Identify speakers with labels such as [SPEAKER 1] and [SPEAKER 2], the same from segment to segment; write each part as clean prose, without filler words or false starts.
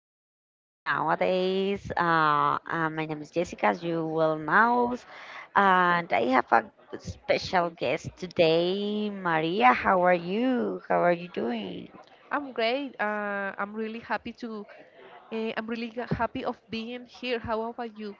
[SPEAKER 1] podcast nowadays. My name is Jessica, as you well know, and I have a special guest today, Maria. How are you? How are you doing?
[SPEAKER 2] I'm great. I'm really happy to. I'm really happy of being here. How about you?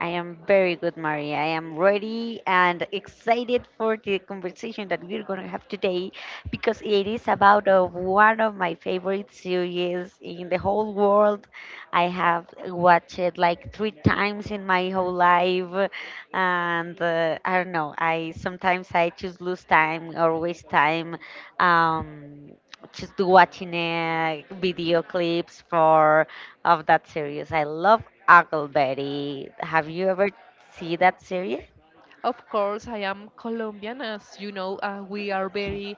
[SPEAKER 1] I am very good, Maria. I am ready and excited for the conversation that we're going to have today, because it is about one of my favorite series in the whole world. I have watched it like three times in my whole life, and I don't know. I Sometimes I choose lose time or waste time. Um, just watching video clips for of that series. I love Huckleberry. Have you ever seen that series?
[SPEAKER 2] Of course, I am Colombian. As you know, we are very,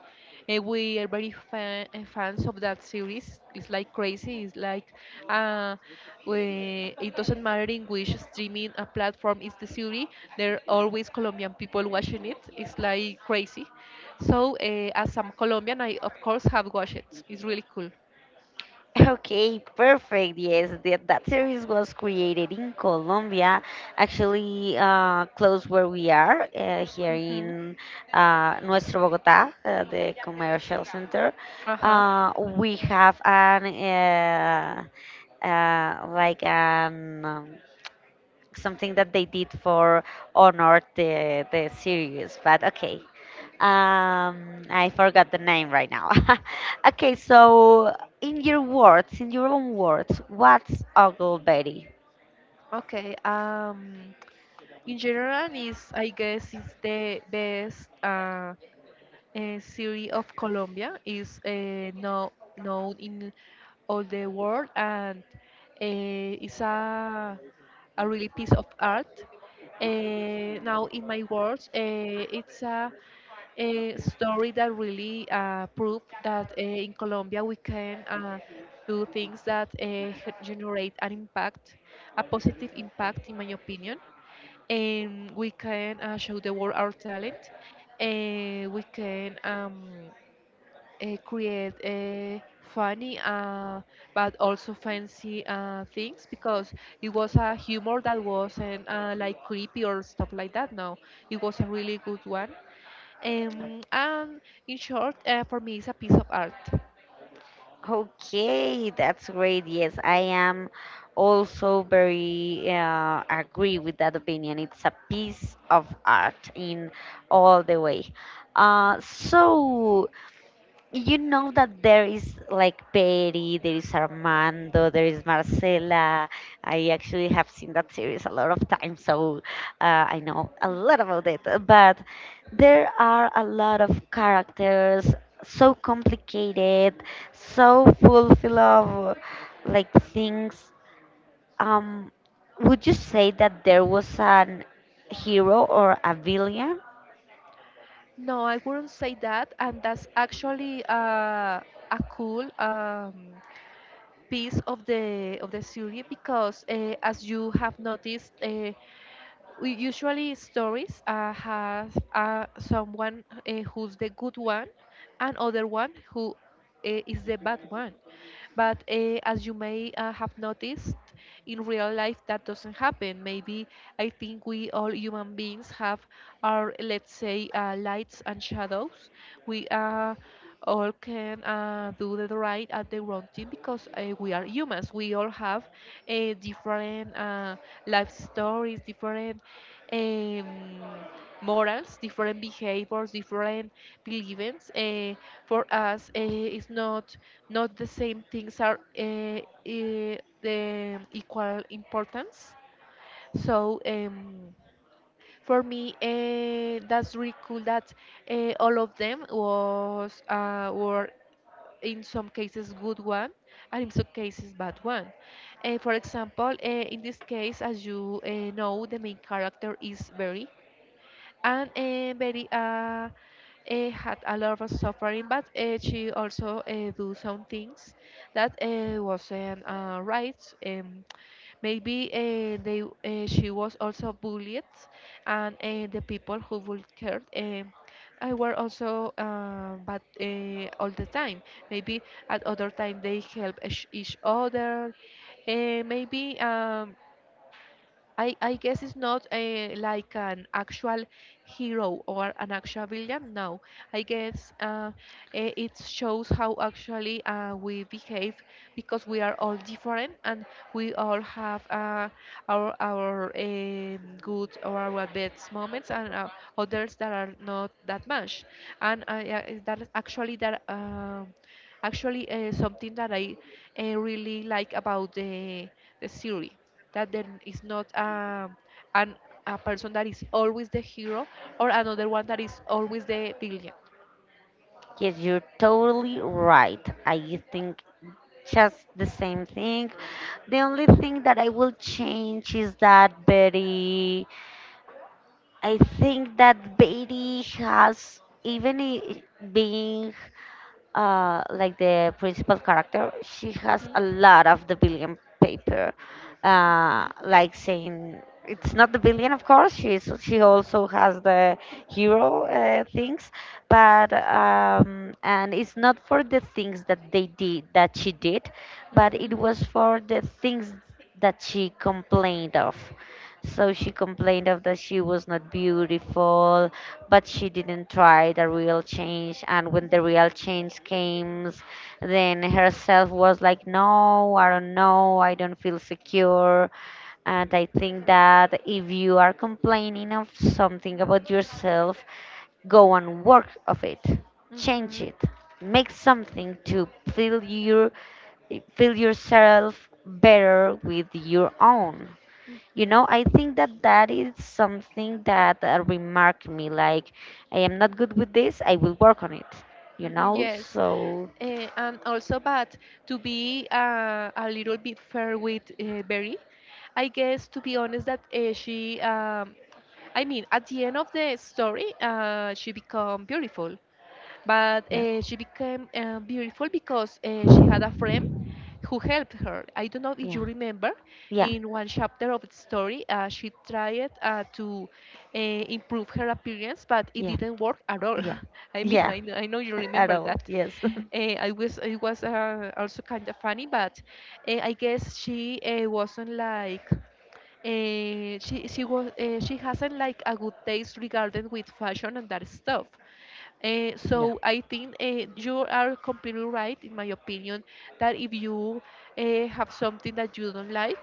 [SPEAKER 2] uh, we are very fan, fans of that series. It's like crazy. It's like, uh, it doesn't matter in which streaming platform is the series. There are always Colombian people watching it. It's like crazy. So, as I'm Colombian, I of course have watched it. It's really cool.
[SPEAKER 1] Okay, perfect. Yes, that series was created in Colombia, actually close where we are, here
[SPEAKER 2] Hmm.
[SPEAKER 1] in Nuestro Bogotá, the commercial center.
[SPEAKER 2] Uh huh.
[SPEAKER 1] Uh, we have an like an something that they did for honor the series, but okay, I forgot the name right now. Okay, so, in your own words, what's Ogle Betty?
[SPEAKER 2] Okay. In general, is I guess it's the best city of Colombia. Is no known in all the world, and it's a really piece of art. Now, in my words, it's a story that really proved that in Colombia we can do things that generate an impact, a positive impact, in my opinion, and we can show the world our talent. And we can create funny but also fancy things, because it was a humor that wasn't like creepy or stuff like that. No, it was a really good one. And in short, for me, it's a piece of art.
[SPEAKER 1] Okay, that's great. Yes, I am also very agree with that opinion. It's a piece of art in all the way. So, you know that there is like Betty, there is Armando, there is Marcela. I actually have seen that series a lot of times, so I know a lot about it. But there are a lot of characters, so complicated, so full of like things. Um, would you say that there was an hero or a villain?
[SPEAKER 2] No, I wouldn't say that, and that's actually a cool. Piece of the series because, as you have noticed, we usually stories have someone who's the good one and other one who is the bad one, but as you may have noticed, in real life that doesn't happen. Maybe I think we all human beings have our, let's say, lights and shadows. We all can do the right at the wrong thing, because we are humans. We all have different life stories, different um, morals, different behaviors, different beliefs. For us, it's not the same things are the equal importance. So for me, that's really cool that all of them was were in some cases good one and in some cases bad one. For example, in this case, as you know, the main character is Barry, and Barry had a lot of suffering, but she also do some things that wasn't right. Maybe they she was also bullied, and the people who bullied her. I were also but all the time. Maybe at other time they help each other. Uh, maybe um, I guess it's not like an actual hero or an actual villain. No, I guess it shows how actually we behave, because we are all different and we all have our good or our bad moments, and others that are not that much. And I, that is actually that actually something that I really like about the series, that there is not an a person that is always the hero or another one that is always the villain.
[SPEAKER 1] Yes, you're totally right. I think just the same thing. The only thing that I will change is that Betty, I think that Betty has, even being like the principal character, she has
[SPEAKER 2] Mhm.
[SPEAKER 1] a lot of the billion paper,
[SPEAKER 2] Mhm.
[SPEAKER 1] like saying it's not the billion, of course. She also has the hero things, but and it's not for the things that she did, but
[SPEAKER 2] Mhm.
[SPEAKER 1] it was for the things that she complained of. So she complained of that she was not beautiful, but she didn't try the real change, and when the real change came, then herself was like, no, I don't know, I don't feel secure, and I think that if you are complaining of something about yourself, go and work of it, change
[SPEAKER 2] Mhm.
[SPEAKER 1] it, make something to feel yourself better with your own you
[SPEAKER 2] Mhm.
[SPEAKER 1] know, I think that that is something that remarked me. Like, I am not good with this. I will work on it. You
[SPEAKER 2] Mhm.
[SPEAKER 1] know,
[SPEAKER 2] Yes.
[SPEAKER 1] so.
[SPEAKER 2] And also, but to be a little bit fair with Berry, I guess to be honest that I mean, at the end of the story, she became beautiful. But
[SPEAKER 1] Yeah.
[SPEAKER 2] she became beautiful because she had a friend who helped her. I don't know if
[SPEAKER 1] Yeah,
[SPEAKER 2] you remember,
[SPEAKER 1] yeah,
[SPEAKER 2] in one chapter of the story, she tried to improve her appearance, but it
[SPEAKER 1] yeah,
[SPEAKER 2] didn't work at all.
[SPEAKER 1] yeah,
[SPEAKER 2] I mean,
[SPEAKER 1] yeah.
[SPEAKER 2] I know you
[SPEAKER 1] At
[SPEAKER 2] remember
[SPEAKER 1] all,
[SPEAKER 2] that.
[SPEAKER 1] yes.
[SPEAKER 2] I was it was also kind of funny, but I guess she wasn't like she was she hasn't like a good taste regarding with fashion and that stuff. Uh,
[SPEAKER 1] Yeah.
[SPEAKER 2] so I think you are completely right, in my opinion, that if you have something that you don't like,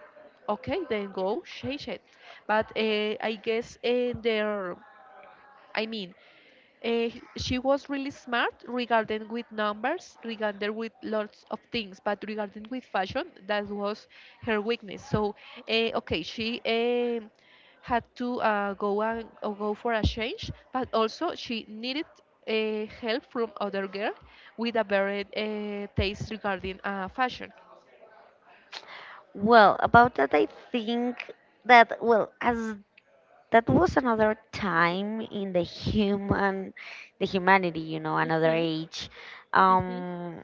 [SPEAKER 2] okay, then go change it. But I mean, uh, she was really smart regarding with numbers, regarding with lots of things, but regarding with fashion, that was her weakness. So, okay, she had to go for a change, but also she needed help from other girl with a very taste regarding fashion.
[SPEAKER 1] Well, about that, I think that, well, as that was another time in the humanity, another
[SPEAKER 2] Mhm.
[SPEAKER 1] age.
[SPEAKER 2] Mhm.
[SPEAKER 1] Um,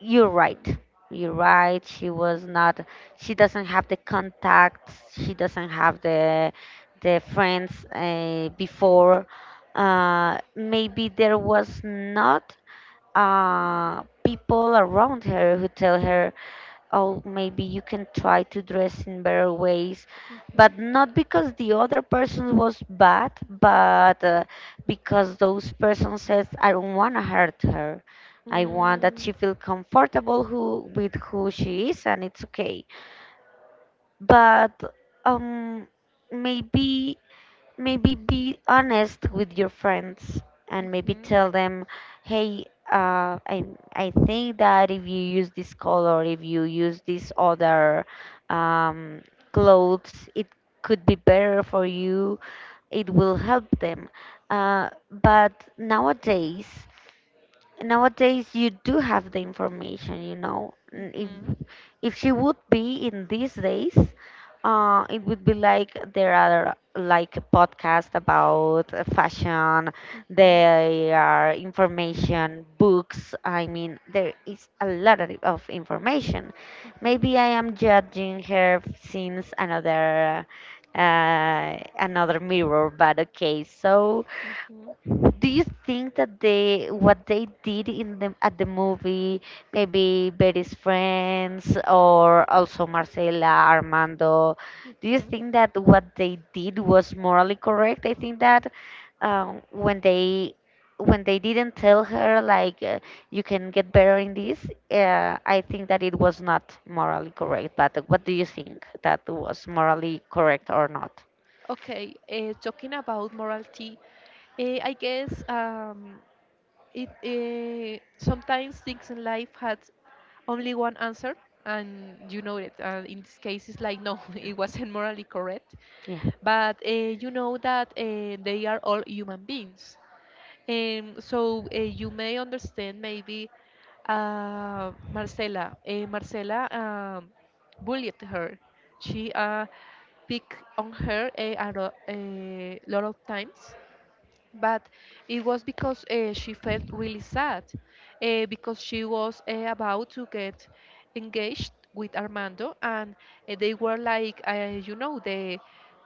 [SPEAKER 1] You're right. You're right. She was not. She doesn't have the contacts. She doesn't have the friends before. Maybe there was not people around her who tell her, oh, maybe you can try to dress in better ways,
[SPEAKER 2] Mhm.
[SPEAKER 1] but not because the other person was bad, but because those person says, I don't want to hurt her. I want that
[SPEAKER 2] Mm.
[SPEAKER 1] she feel comfortable who with who she is, and it's okay. But um, maybe be honest with your friends and maybe
[SPEAKER 2] Mhm.
[SPEAKER 1] tell them, hey, uh, I, I think that if you use this color, if you use this other um, clothes, it could be better for you, it will help them. uh, but nowadays nowadays you do have the information. If
[SPEAKER 2] Mhm.
[SPEAKER 1] if she would be in these days, it would be like there are like a podcast about fashion,
[SPEAKER 2] Mhm.
[SPEAKER 1] there are information, books. I mean, there is a lot of information.
[SPEAKER 2] Mhm. Mhm.
[SPEAKER 1] Maybe I am judging her since another uh, mirror, but okay. So,
[SPEAKER 2] Mhm.
[SPEAKER 1] do you think that they what they did in the at the movie, maybe Betty's friends or also Marcela, Armando, do you
[SPEAKER 2] Mhm.
[SPEAKER 1] think that what they did was morally correct? I think that when they didn't tell her like, you can get better in this, I think that it was not morally correct. But what do you think, that was morally correct or not?
[SPEAKER 2] Okay, talking about morality, I guess it sometimes things in life had only one answer, and you know it. And in this case, it's like no, it wasn't morally correct.
[SPEAKER 1] Yeah.
[SPEAKER 2] But you know that they are all human beings, so you may understand, maybe Marcela bullied her. She picked on her a lot of times, but it was because she felt really sad, because she was about to get engaged with Armando, and they were like, you know, the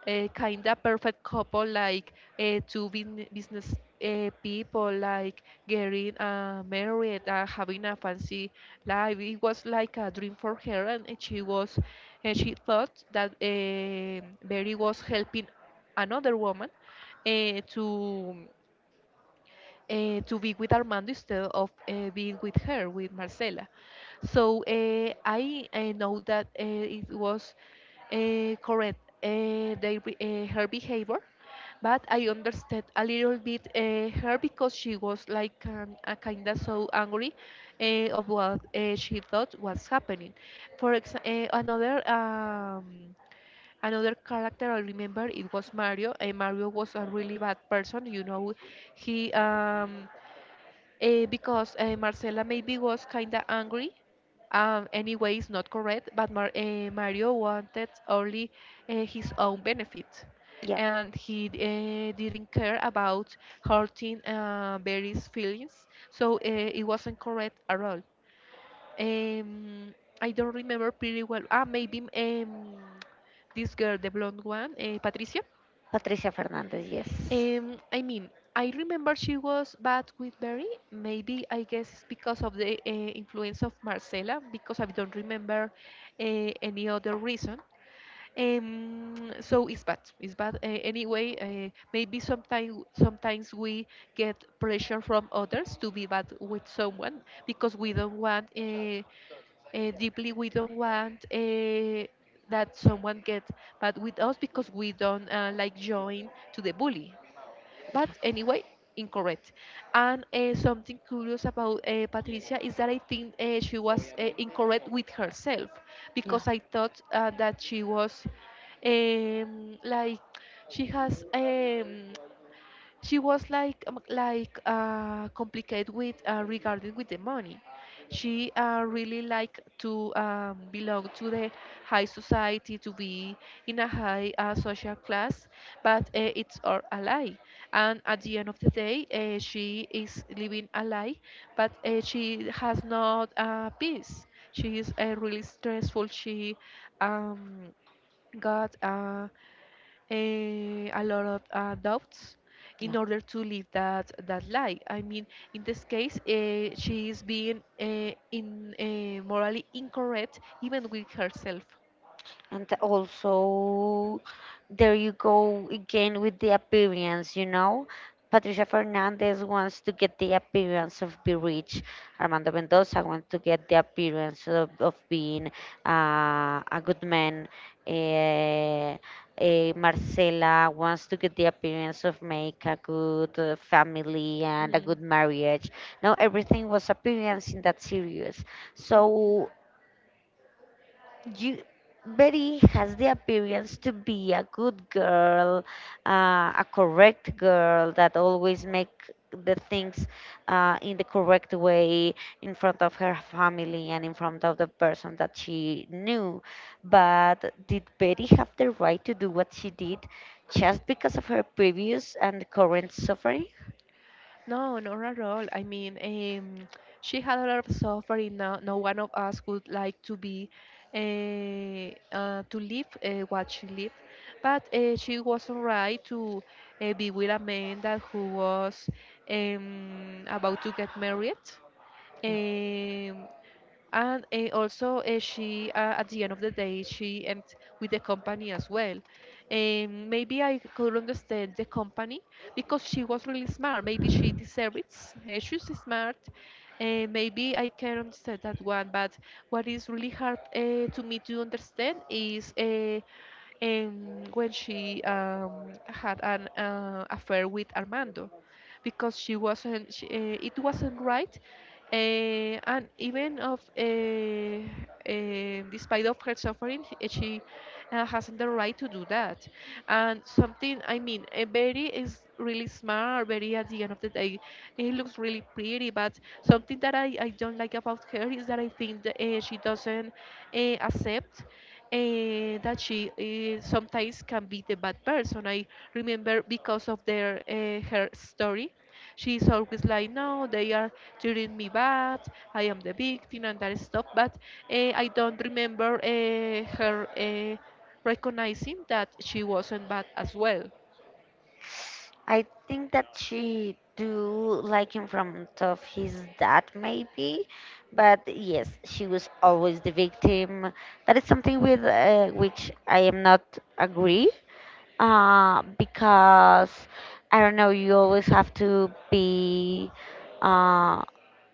[SPEAKER 2] kind of perfect couple, like business people like getting married, having a fancy life. It was like a dream for her, and she thought that Barry was helping another woman to to be with Armando, instead of being with her, with Marcela. So I know that it was correct her behavior, but I understood a little bit her, because she was like, a kind of so angry of what she thought was happening. For example, another character I remember, it was Mario. And Mario was a really bad person. You know, he because Marcela maybe was kinda angry. Anyway, it's not correct, but Mario wanted only his own benefit,
[SPEAKER 1] Yeah.
[SPEAKER 2] and he didn't care about hurting Barry's feelings, so it wasn't correct at all. Um, I don't remember pretty well. Ah, maybe this girl, the blonde one, Patricia.
[SPEAKER 1] Patricia Fernandez, yes.
[SPEAKER 2] I mean, I remember she was bad with Barry. Maybe I guess it's because of the influence of Marcela, because I don't remember any other reason. So it's bad. It's bad. Anyway, maybe sometimes we get pressure from others to be bad with someone, because we don't want, deeply we don't want that someone get bad with us, because we don't like join to the bully, but anyway, incorrect. And something curious about Patricia is that I think she was incorrect with herself,
[SPEAKER 1] Yeah,
[SPEAKER 2] because I thought that she was um, like she has she was like complicated with regarding with the money. She really like to belong to the high society, to be in a high social class, but it's all a lie. And at the end of the day, she is living a lie, but she has not peace. She is really stressful. She um, got uh, eh, a lot of doubts
[SPEAKER 1] yeah.
[SPEAKER 2] in order to live that lie. I mean, in this case, she is being in morally incorrect even with herself.
[SPEAKER 1] And also, there you go again with the appearance, you know? Patricia Fernandez wants to get the appearance of being rich. Armando Mendoza wants to get the appearance of being a good man. Uh, Marcela wants to get the appearance of make a good family and a
[SPEAKER 2] Mm.
[SPEAKER 1] good marriage. Now everything was appearance in that series. So
[SPEAKER 2] Okay.
[SPEAKER 1] you Betty has the appearance to be a good girl, uh, a correct girl that always make the things in the correct way in front of her family and in front of the person that she knew. But did Betty have the right to do what she did just because of her previous and current suffering?
[SPEAKER 2] No, not at all. I mean, she had a lot of suffering. No, no one of us would like to be, uh, to live what she lived, but she was alright to be with a man that who was about to get married. Um, and also she at the end of the day she end with the company as well, and maybe I could understand the company, because she was really smart, maybe she deserves it. She's smart. Maybe I can understand that one. But what is really hard to me to understand is and when she had an affair with Armando, because she wasn't, she, it wasn't right, and even of despite of her suffering, she hasn't the right to do that. And something, I mean, Betty is really smart. Betty, at the end of the day, it looks really pretty, but something that I don't like about her is that I think that she doesn't accept that she sometimes can be the bad person. I remember, because of their her story, she's always like, "No, they are treating me bad. I am the victim and that stuff." But I don't remember her recognizing that she wasn't bad as well.
[SPEAKER 1] I think that she do like him from of his dad, maybe, but yes, she was always the victim. That is something with which I am not agree, because I don't know. You always have to be uh,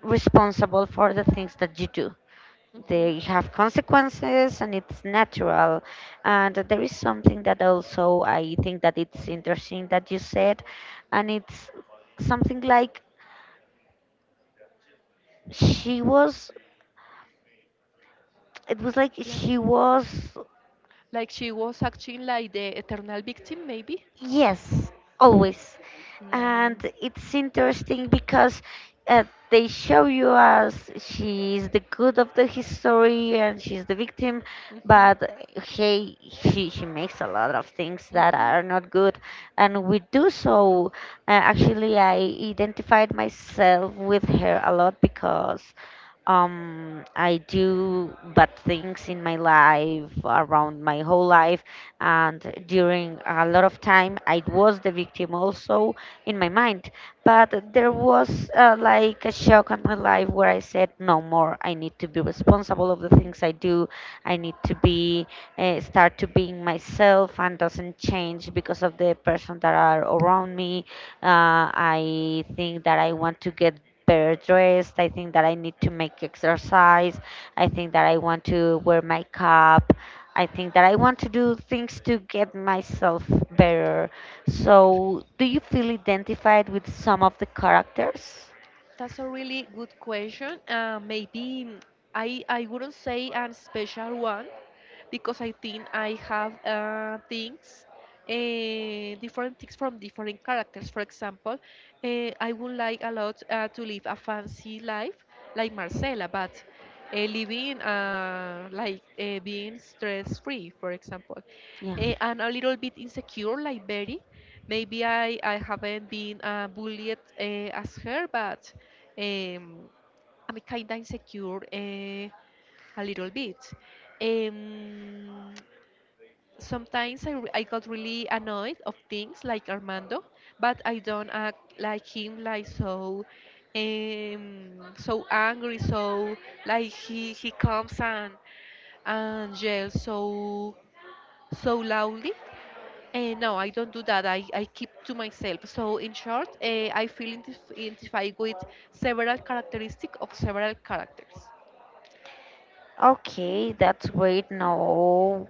[SPEAKER 1] responsible for the things that you do.
[SPEAKER 2] Mhm.
[SPEAKER 1] They have consequences, and it's natural. And there is something that also I think that it's interesting that you said, and it's something like she was it was like
[SPEAKER 2] Like,
[SPEAKER 1] she was.
[SPEAKER 2] like she was acting like the eternal victim, maybe.
[SPEAKER 1] Yes, always. And
[SPEAKER 2] Mm.
[SPEAKER 1] it's interesting because uh, they show you as she's the good of the history and she's the victim,
[SPEAKER 2] Mhm.
[SPEAKER 1] but hey, she makes a lot of things that
[SPEAKER 2] Mhm.
[SPEAKER 1] are not good. And we do so. Actually, I identified myself with her a lot, because I do bad things in my life, around my whole life, and during a lot of time, I was the victim also in my mind. But there was like a shock on my life, where I said, no more. I need to be responsible of the things I do. I need to be start to being myself, and doesn't change because of the person that are around me. I think that I want to get better dressed. I think that I need to make exercise. I think that I want to wear makeup. I think that I want to do things to get myself better. So, do you feel identified with some of the characters?
[SPEAKER 2] That's a really good question. Maybe I wouldn't say an special one, because I think I have things, different things from different characters. For example, I would like a lot to live a fancy life like Marcela, but living like being stress free, for example,
[SPEAKER 1] Yeah.
[SPEAKER 2] and a little bit insecure like Betty. Maybe I haven't been bullied as her, but um, I'm kind of insecure. A little bit. Um, Sometimes I got really annoyed of things like Armando, but I don't act like him like so um, so angry, so like he comes and yells so so loudly. No, I don't do that. I keep to myself. So in short, I feel identified with several characteristics of several characters.
[SPEAKER 1] Okay, that's great. No,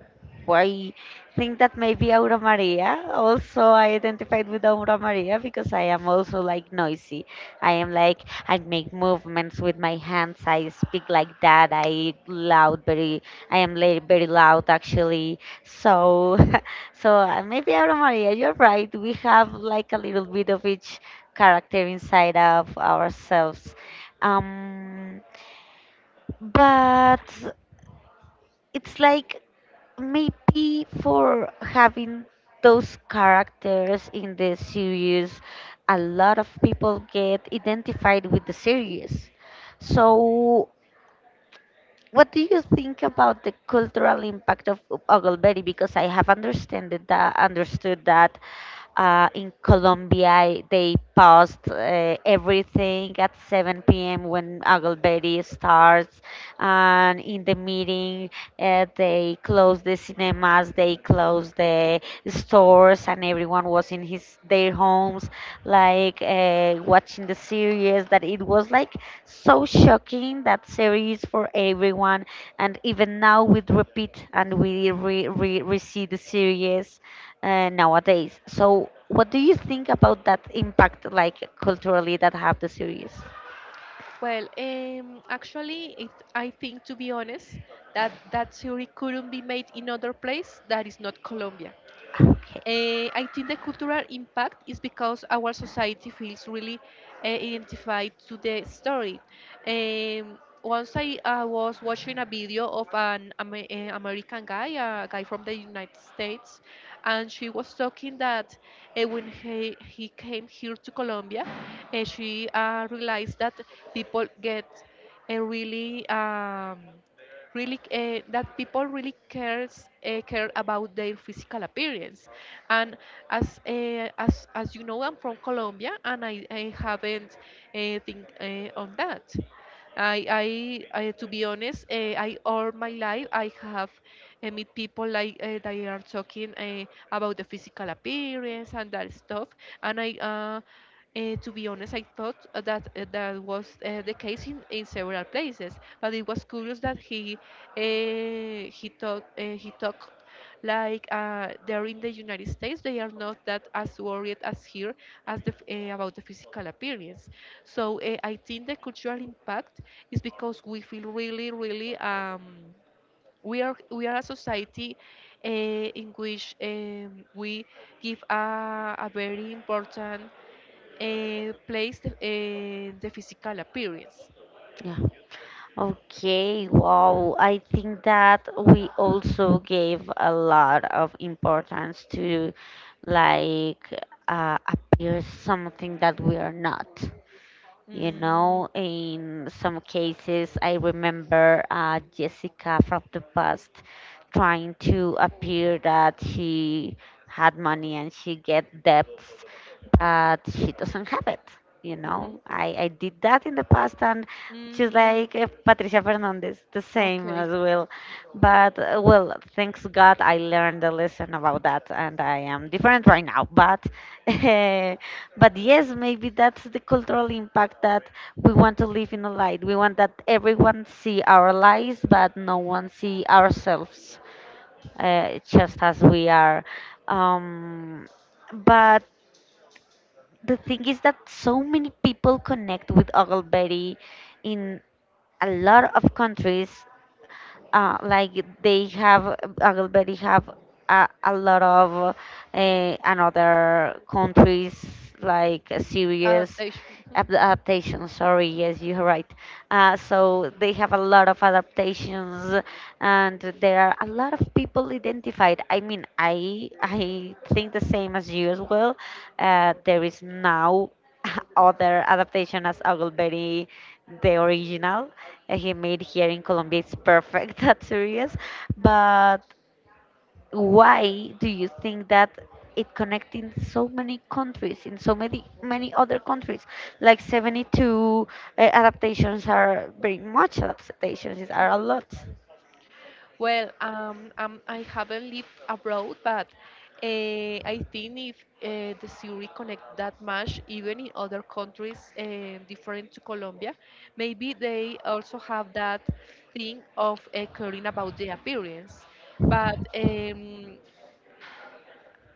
[SPEAKER 1] I think that maybe Aura Maria. Also, I identified with Aura Maria because I am also like noisy. I am like, I make movements with my hands. I speak like that. I loud, very, I am very loud actually. So, maybe Aura Maria, you're right. We have like a little bit of each character inside of ourselves. Um, but it's like, maybe for having those characters in the series, a lot of people get identified with the series. So, what do you think about the cultural impact of Ogleberry? Because I have understood that in Colombia, they paused everything at 7 p.m. when Aglberry starts. And in the meeting, they closed the cinemas, they closed the stores, and everyone was in his their homes, like watching the series. That it was like so shocking, that series, for everyone. And even now, we repeat and we re see the series, nowadays. So, what do you think about that impact, like culturally, that have the series?
[SPEAKER 2] Well, actually, I think to be honest, that that theory couldn't be made in other place that is not Colombia.
[SPEAKER 1] Okay.
[SPEAKER 2] I think the cultural impact is because our society feels really identified to the story. Once I was watching a video of an American guy, a guy from the United States, and she was talking that when he came here to Colombia, she realized that people get a really really that people really cares care about their physical appearance, and as you know, I'm from Colombia, and I haven't think on that. I, to be honest, I all my life I have meet people like they are talking about the physical appearance and that stuff, and I to be honest, I thought that that was the case in several places, but it was curious that he talked he talk like there in the United States, they are not that as worried as here as the, about the physical appearance. So I think the cultural impact is because we feel really, really we are a society uh, in which we give a very important place the physical appearance.
[SPEAKER 1] Yeah. Okay. Wow. I think that we also gave a lot of importance to like appear something that we are not. You
[SPEAKER 2] Mm,
[SPEAKER 1] know, in some cases, I remember Jessica from the past, trying to appear that she had money and she get debts, but she doesn't have it. You
[SPEAKER 2] mhm,
[SPEAKER 1] know, I did that in the past, and she's
[SPEAKER 2] mm,
[SPEAKER 1] like Patricia Fernandez, the same
[SPEAKER 2] okay,
[SPEAKER 1] as well. But well, thanks God, I learned a lesson about that, and I am different right now. But uh, but yes, maybe that's the cultural impact, that we want to live in a light. We want that everyone see our lives, but no one see ourselves, just as we are. Um, but the thing is that so many people connect with Ogle Betty in a lot of countries, like they have already have a lot of another countries, like series,
[SPEAKER 2] adaptation. Mm-hmm.
[SPEAKER 1] adaptations, sorry, yes, you're right. So they have a lot of adaptations, and there are a lot of people identified. I mean, I think the same as you as well. There is now other adaptation as Ogilvy. The original he made here in Colombia is perfect, that's serious. But why do you think that it connecting so many countries, in so many many other countries? Like 72 adaptations, are very much adaptations, are a lot.
[SPEAKER 2] Well, I haven't lived abroad, but I think if the series connect that much, even in other countries different to Colombia, maybe they also have that thing of caring about the appearance. But um,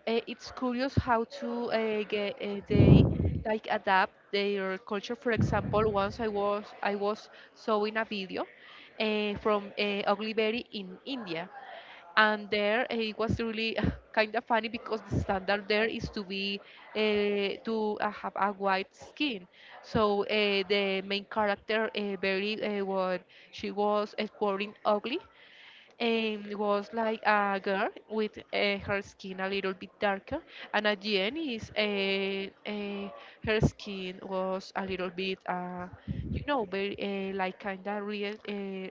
[SPEAKER 2] uh, it's curious how to get they like adapt their culture. For example, once I was showing a video from Ugly Berry in India, and there it was really kind of funny because the standard there is to be to have a white skin. So the main character very what, she was quoting ugly and was like a girl with her skin a little bit darker, and at the end is her skin was a little bit you know very like kind of real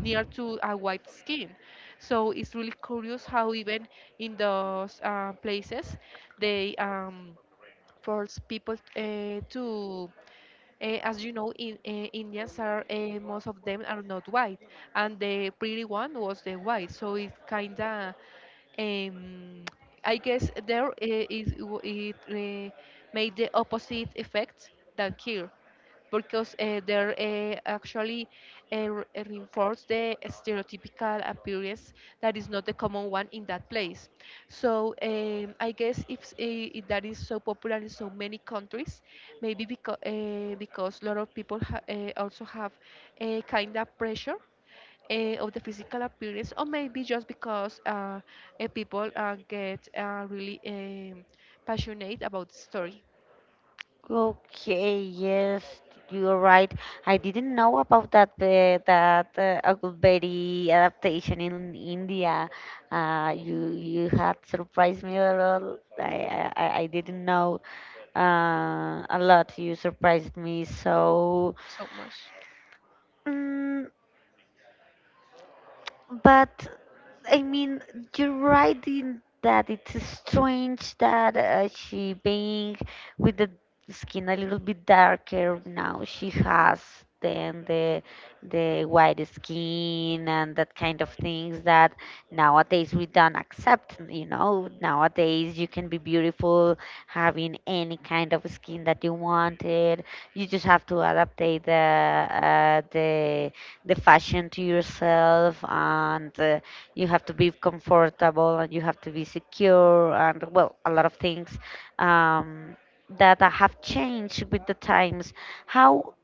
[SPEAKER 2] near to a white skin. So it's really curious how even in those places they force people to as you know, in, Indians are most of them are not white, and the pretty one was the white. So it's kinda, um, I guess there is w- it made the opposite effect than here, because they're actually reinforce the stereotypical appearance that is not the common one in that place. So I guess if, if that is so popular in so many countries, maybe because a lot of people also have a kind of pressure. Of the physical appearance, or maybe just because people get really passionate about the story
[SPEAKER 1] Okay, yes, you're right. I didn't know about that that Aguberi adaptation in India. You had surprised me a lot. I didn't know a lot. You surprised me so.
[SPEAKER 2] so much.
[SPEAKER 1] Mm. But I mean, you're right in that it's strange that she being with the skin a little bit darker, now she has than the white skin, and that kind of things that nowadays we don't accept. You know, nowadays you can be beautiful having any kind of skin that you wanted. You just have to adaptate uh, the the fashion to yourself, and you have to be comfortable, and you have to be secure, and well, a lot of things, um, that have changed with the times. How,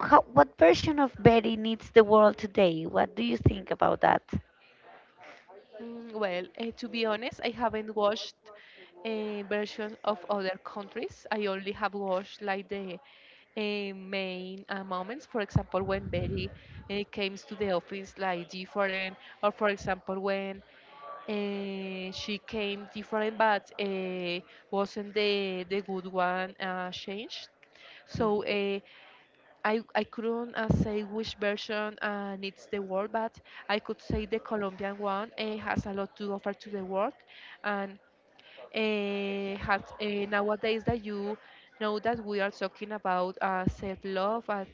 [SPEAKER 1] how What version of Betty needs the world today? What do you think about that?
[SPEAKER 2] Well, to be honest, I haven't watched a version of other countries. I only have watched like the main moments. For example, when Betty came to the office like different, or for example when she came different, but wasn't the good one changed.
[SPEAKER 1] Yeah.
[SPEAKER 2] So I couldn't say which version needs the world, but I could say the Colombian one has a lot to offer to the world, and has nowadays that you know that we are talking about self-love, and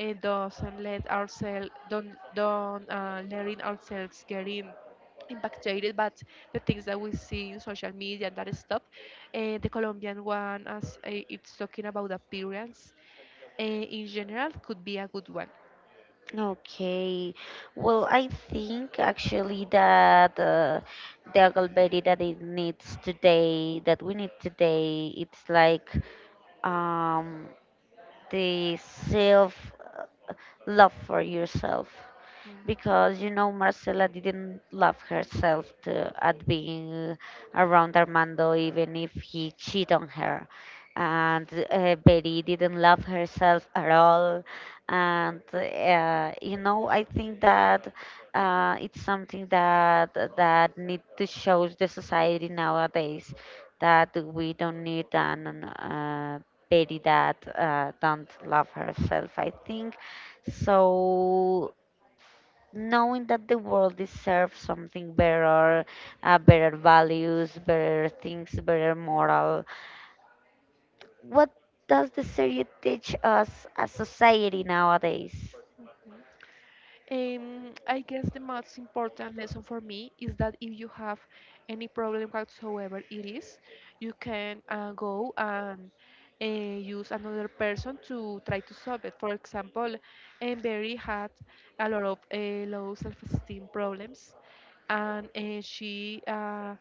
[SPEAKER 2] doesn't let ourselves don't letting ourselves getting impacted but the things that we see in social media and that stuff. The Colombian one, as it's talking about appearance in general, could be a good one.
[SPEAKER 1] Okay. Well, I think actually that the Huckleberry that it needs today, that we need today, it's like, um, the self love for yourself,
[SPEAKER 2] Mhm.
[SPEAKER 1] because you know Marcela didn't love herself to, at being around Armando, even if he cheated on her. And Betty didn't love herself at all. And I think that it's something that that need to show the society nowadays, that we don't need an Betty that don't love herself. I think so. Knowing that the world deserves something better, better values, better things, better moral, what does the series teach us as society nowadays?
[SPEAKER 2] I guess the most important lesson for me is that if you have any problem whatsoever it is, you can go and use another person to try to solve it. For example, Barry had a lot of low self-esteem problems, and she uh,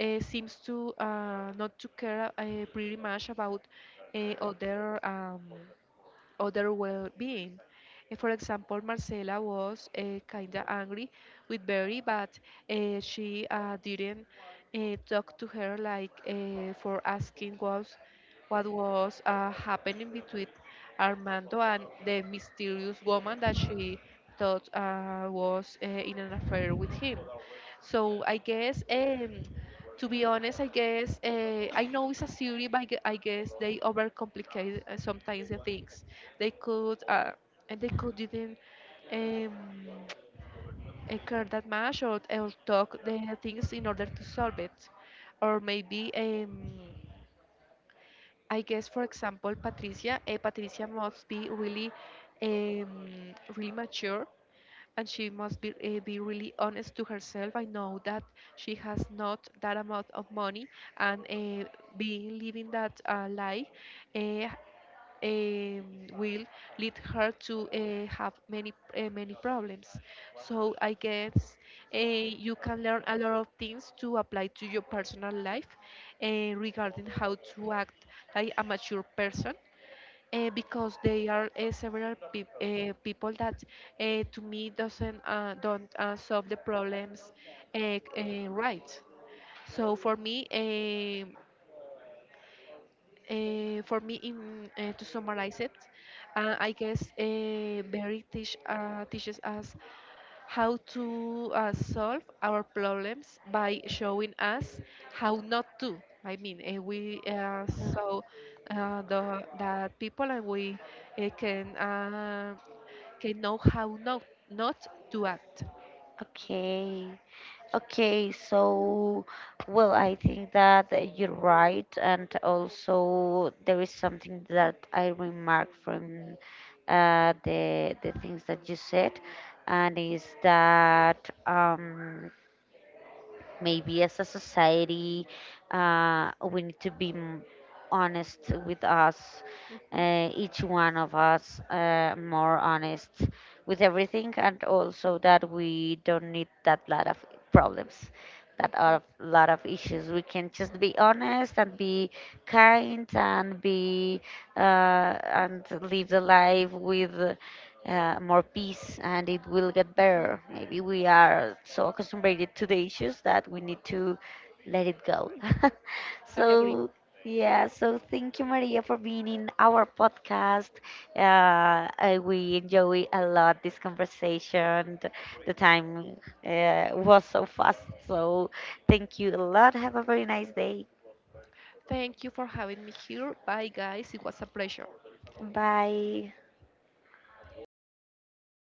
[SPEAKER 2] uh, seems to not to care pretty much about other. Other well-being. For example, Marcela was kind of angry with Barry, but she didn't talk to her like for asking was what was happening between Armando and the mysterious woman that she thought was in an affair with him. So I guess, to be honest, I guess I know it's a series, but I guess they overcomplicate sometimes the things they could and they could didn't um, care that much, or talk the things in order to solve it, or maybe I guess for example Patricia must be really really mature, and she must be really honest to herself. I know that she has not that amount of money, and being living that life uh, um, will lead her to have many many problems. So I guess you can learn a lot of things to apply to your personal life regarding how to act like a mature person. Because they are several people that to me doesn't don't solve the problems right. So for me, for me, in to summarize it, I guess Barry teaches us how to solve our problems by showing us how not to. I mean, we saw the that people and we uh, can uh, can know how not not to act.
[SPEAKER 1] Okay. Okay, so well, I think that you're right, and also there is something that I remark from the things that you said, and is that, um, maybe as a society, we need to be honest with us,
[SPEAKER 2] Mhm,
[SPEAKER 1] each one of us, more honest with everything, and also that we don't need that lot of problems, that
[SPEAKER 2] mhm.
[SPEAKER 1] are a lot of issues. We can just be honest, and be kind, and be and live the life with more peace, and it will get better. Maybe we are so accustomed to the issues that we need to let it go. So, yeah, so thank you, Maria, for being in our podcast. We enjoy a lot this conversation. The time was so fast. So, thank you a lot. Have a very nice day.
[SPEAKER 2] Thank you for having me here. Bye, guys. It was a pleasure.
[SPEAKER 1] Bye.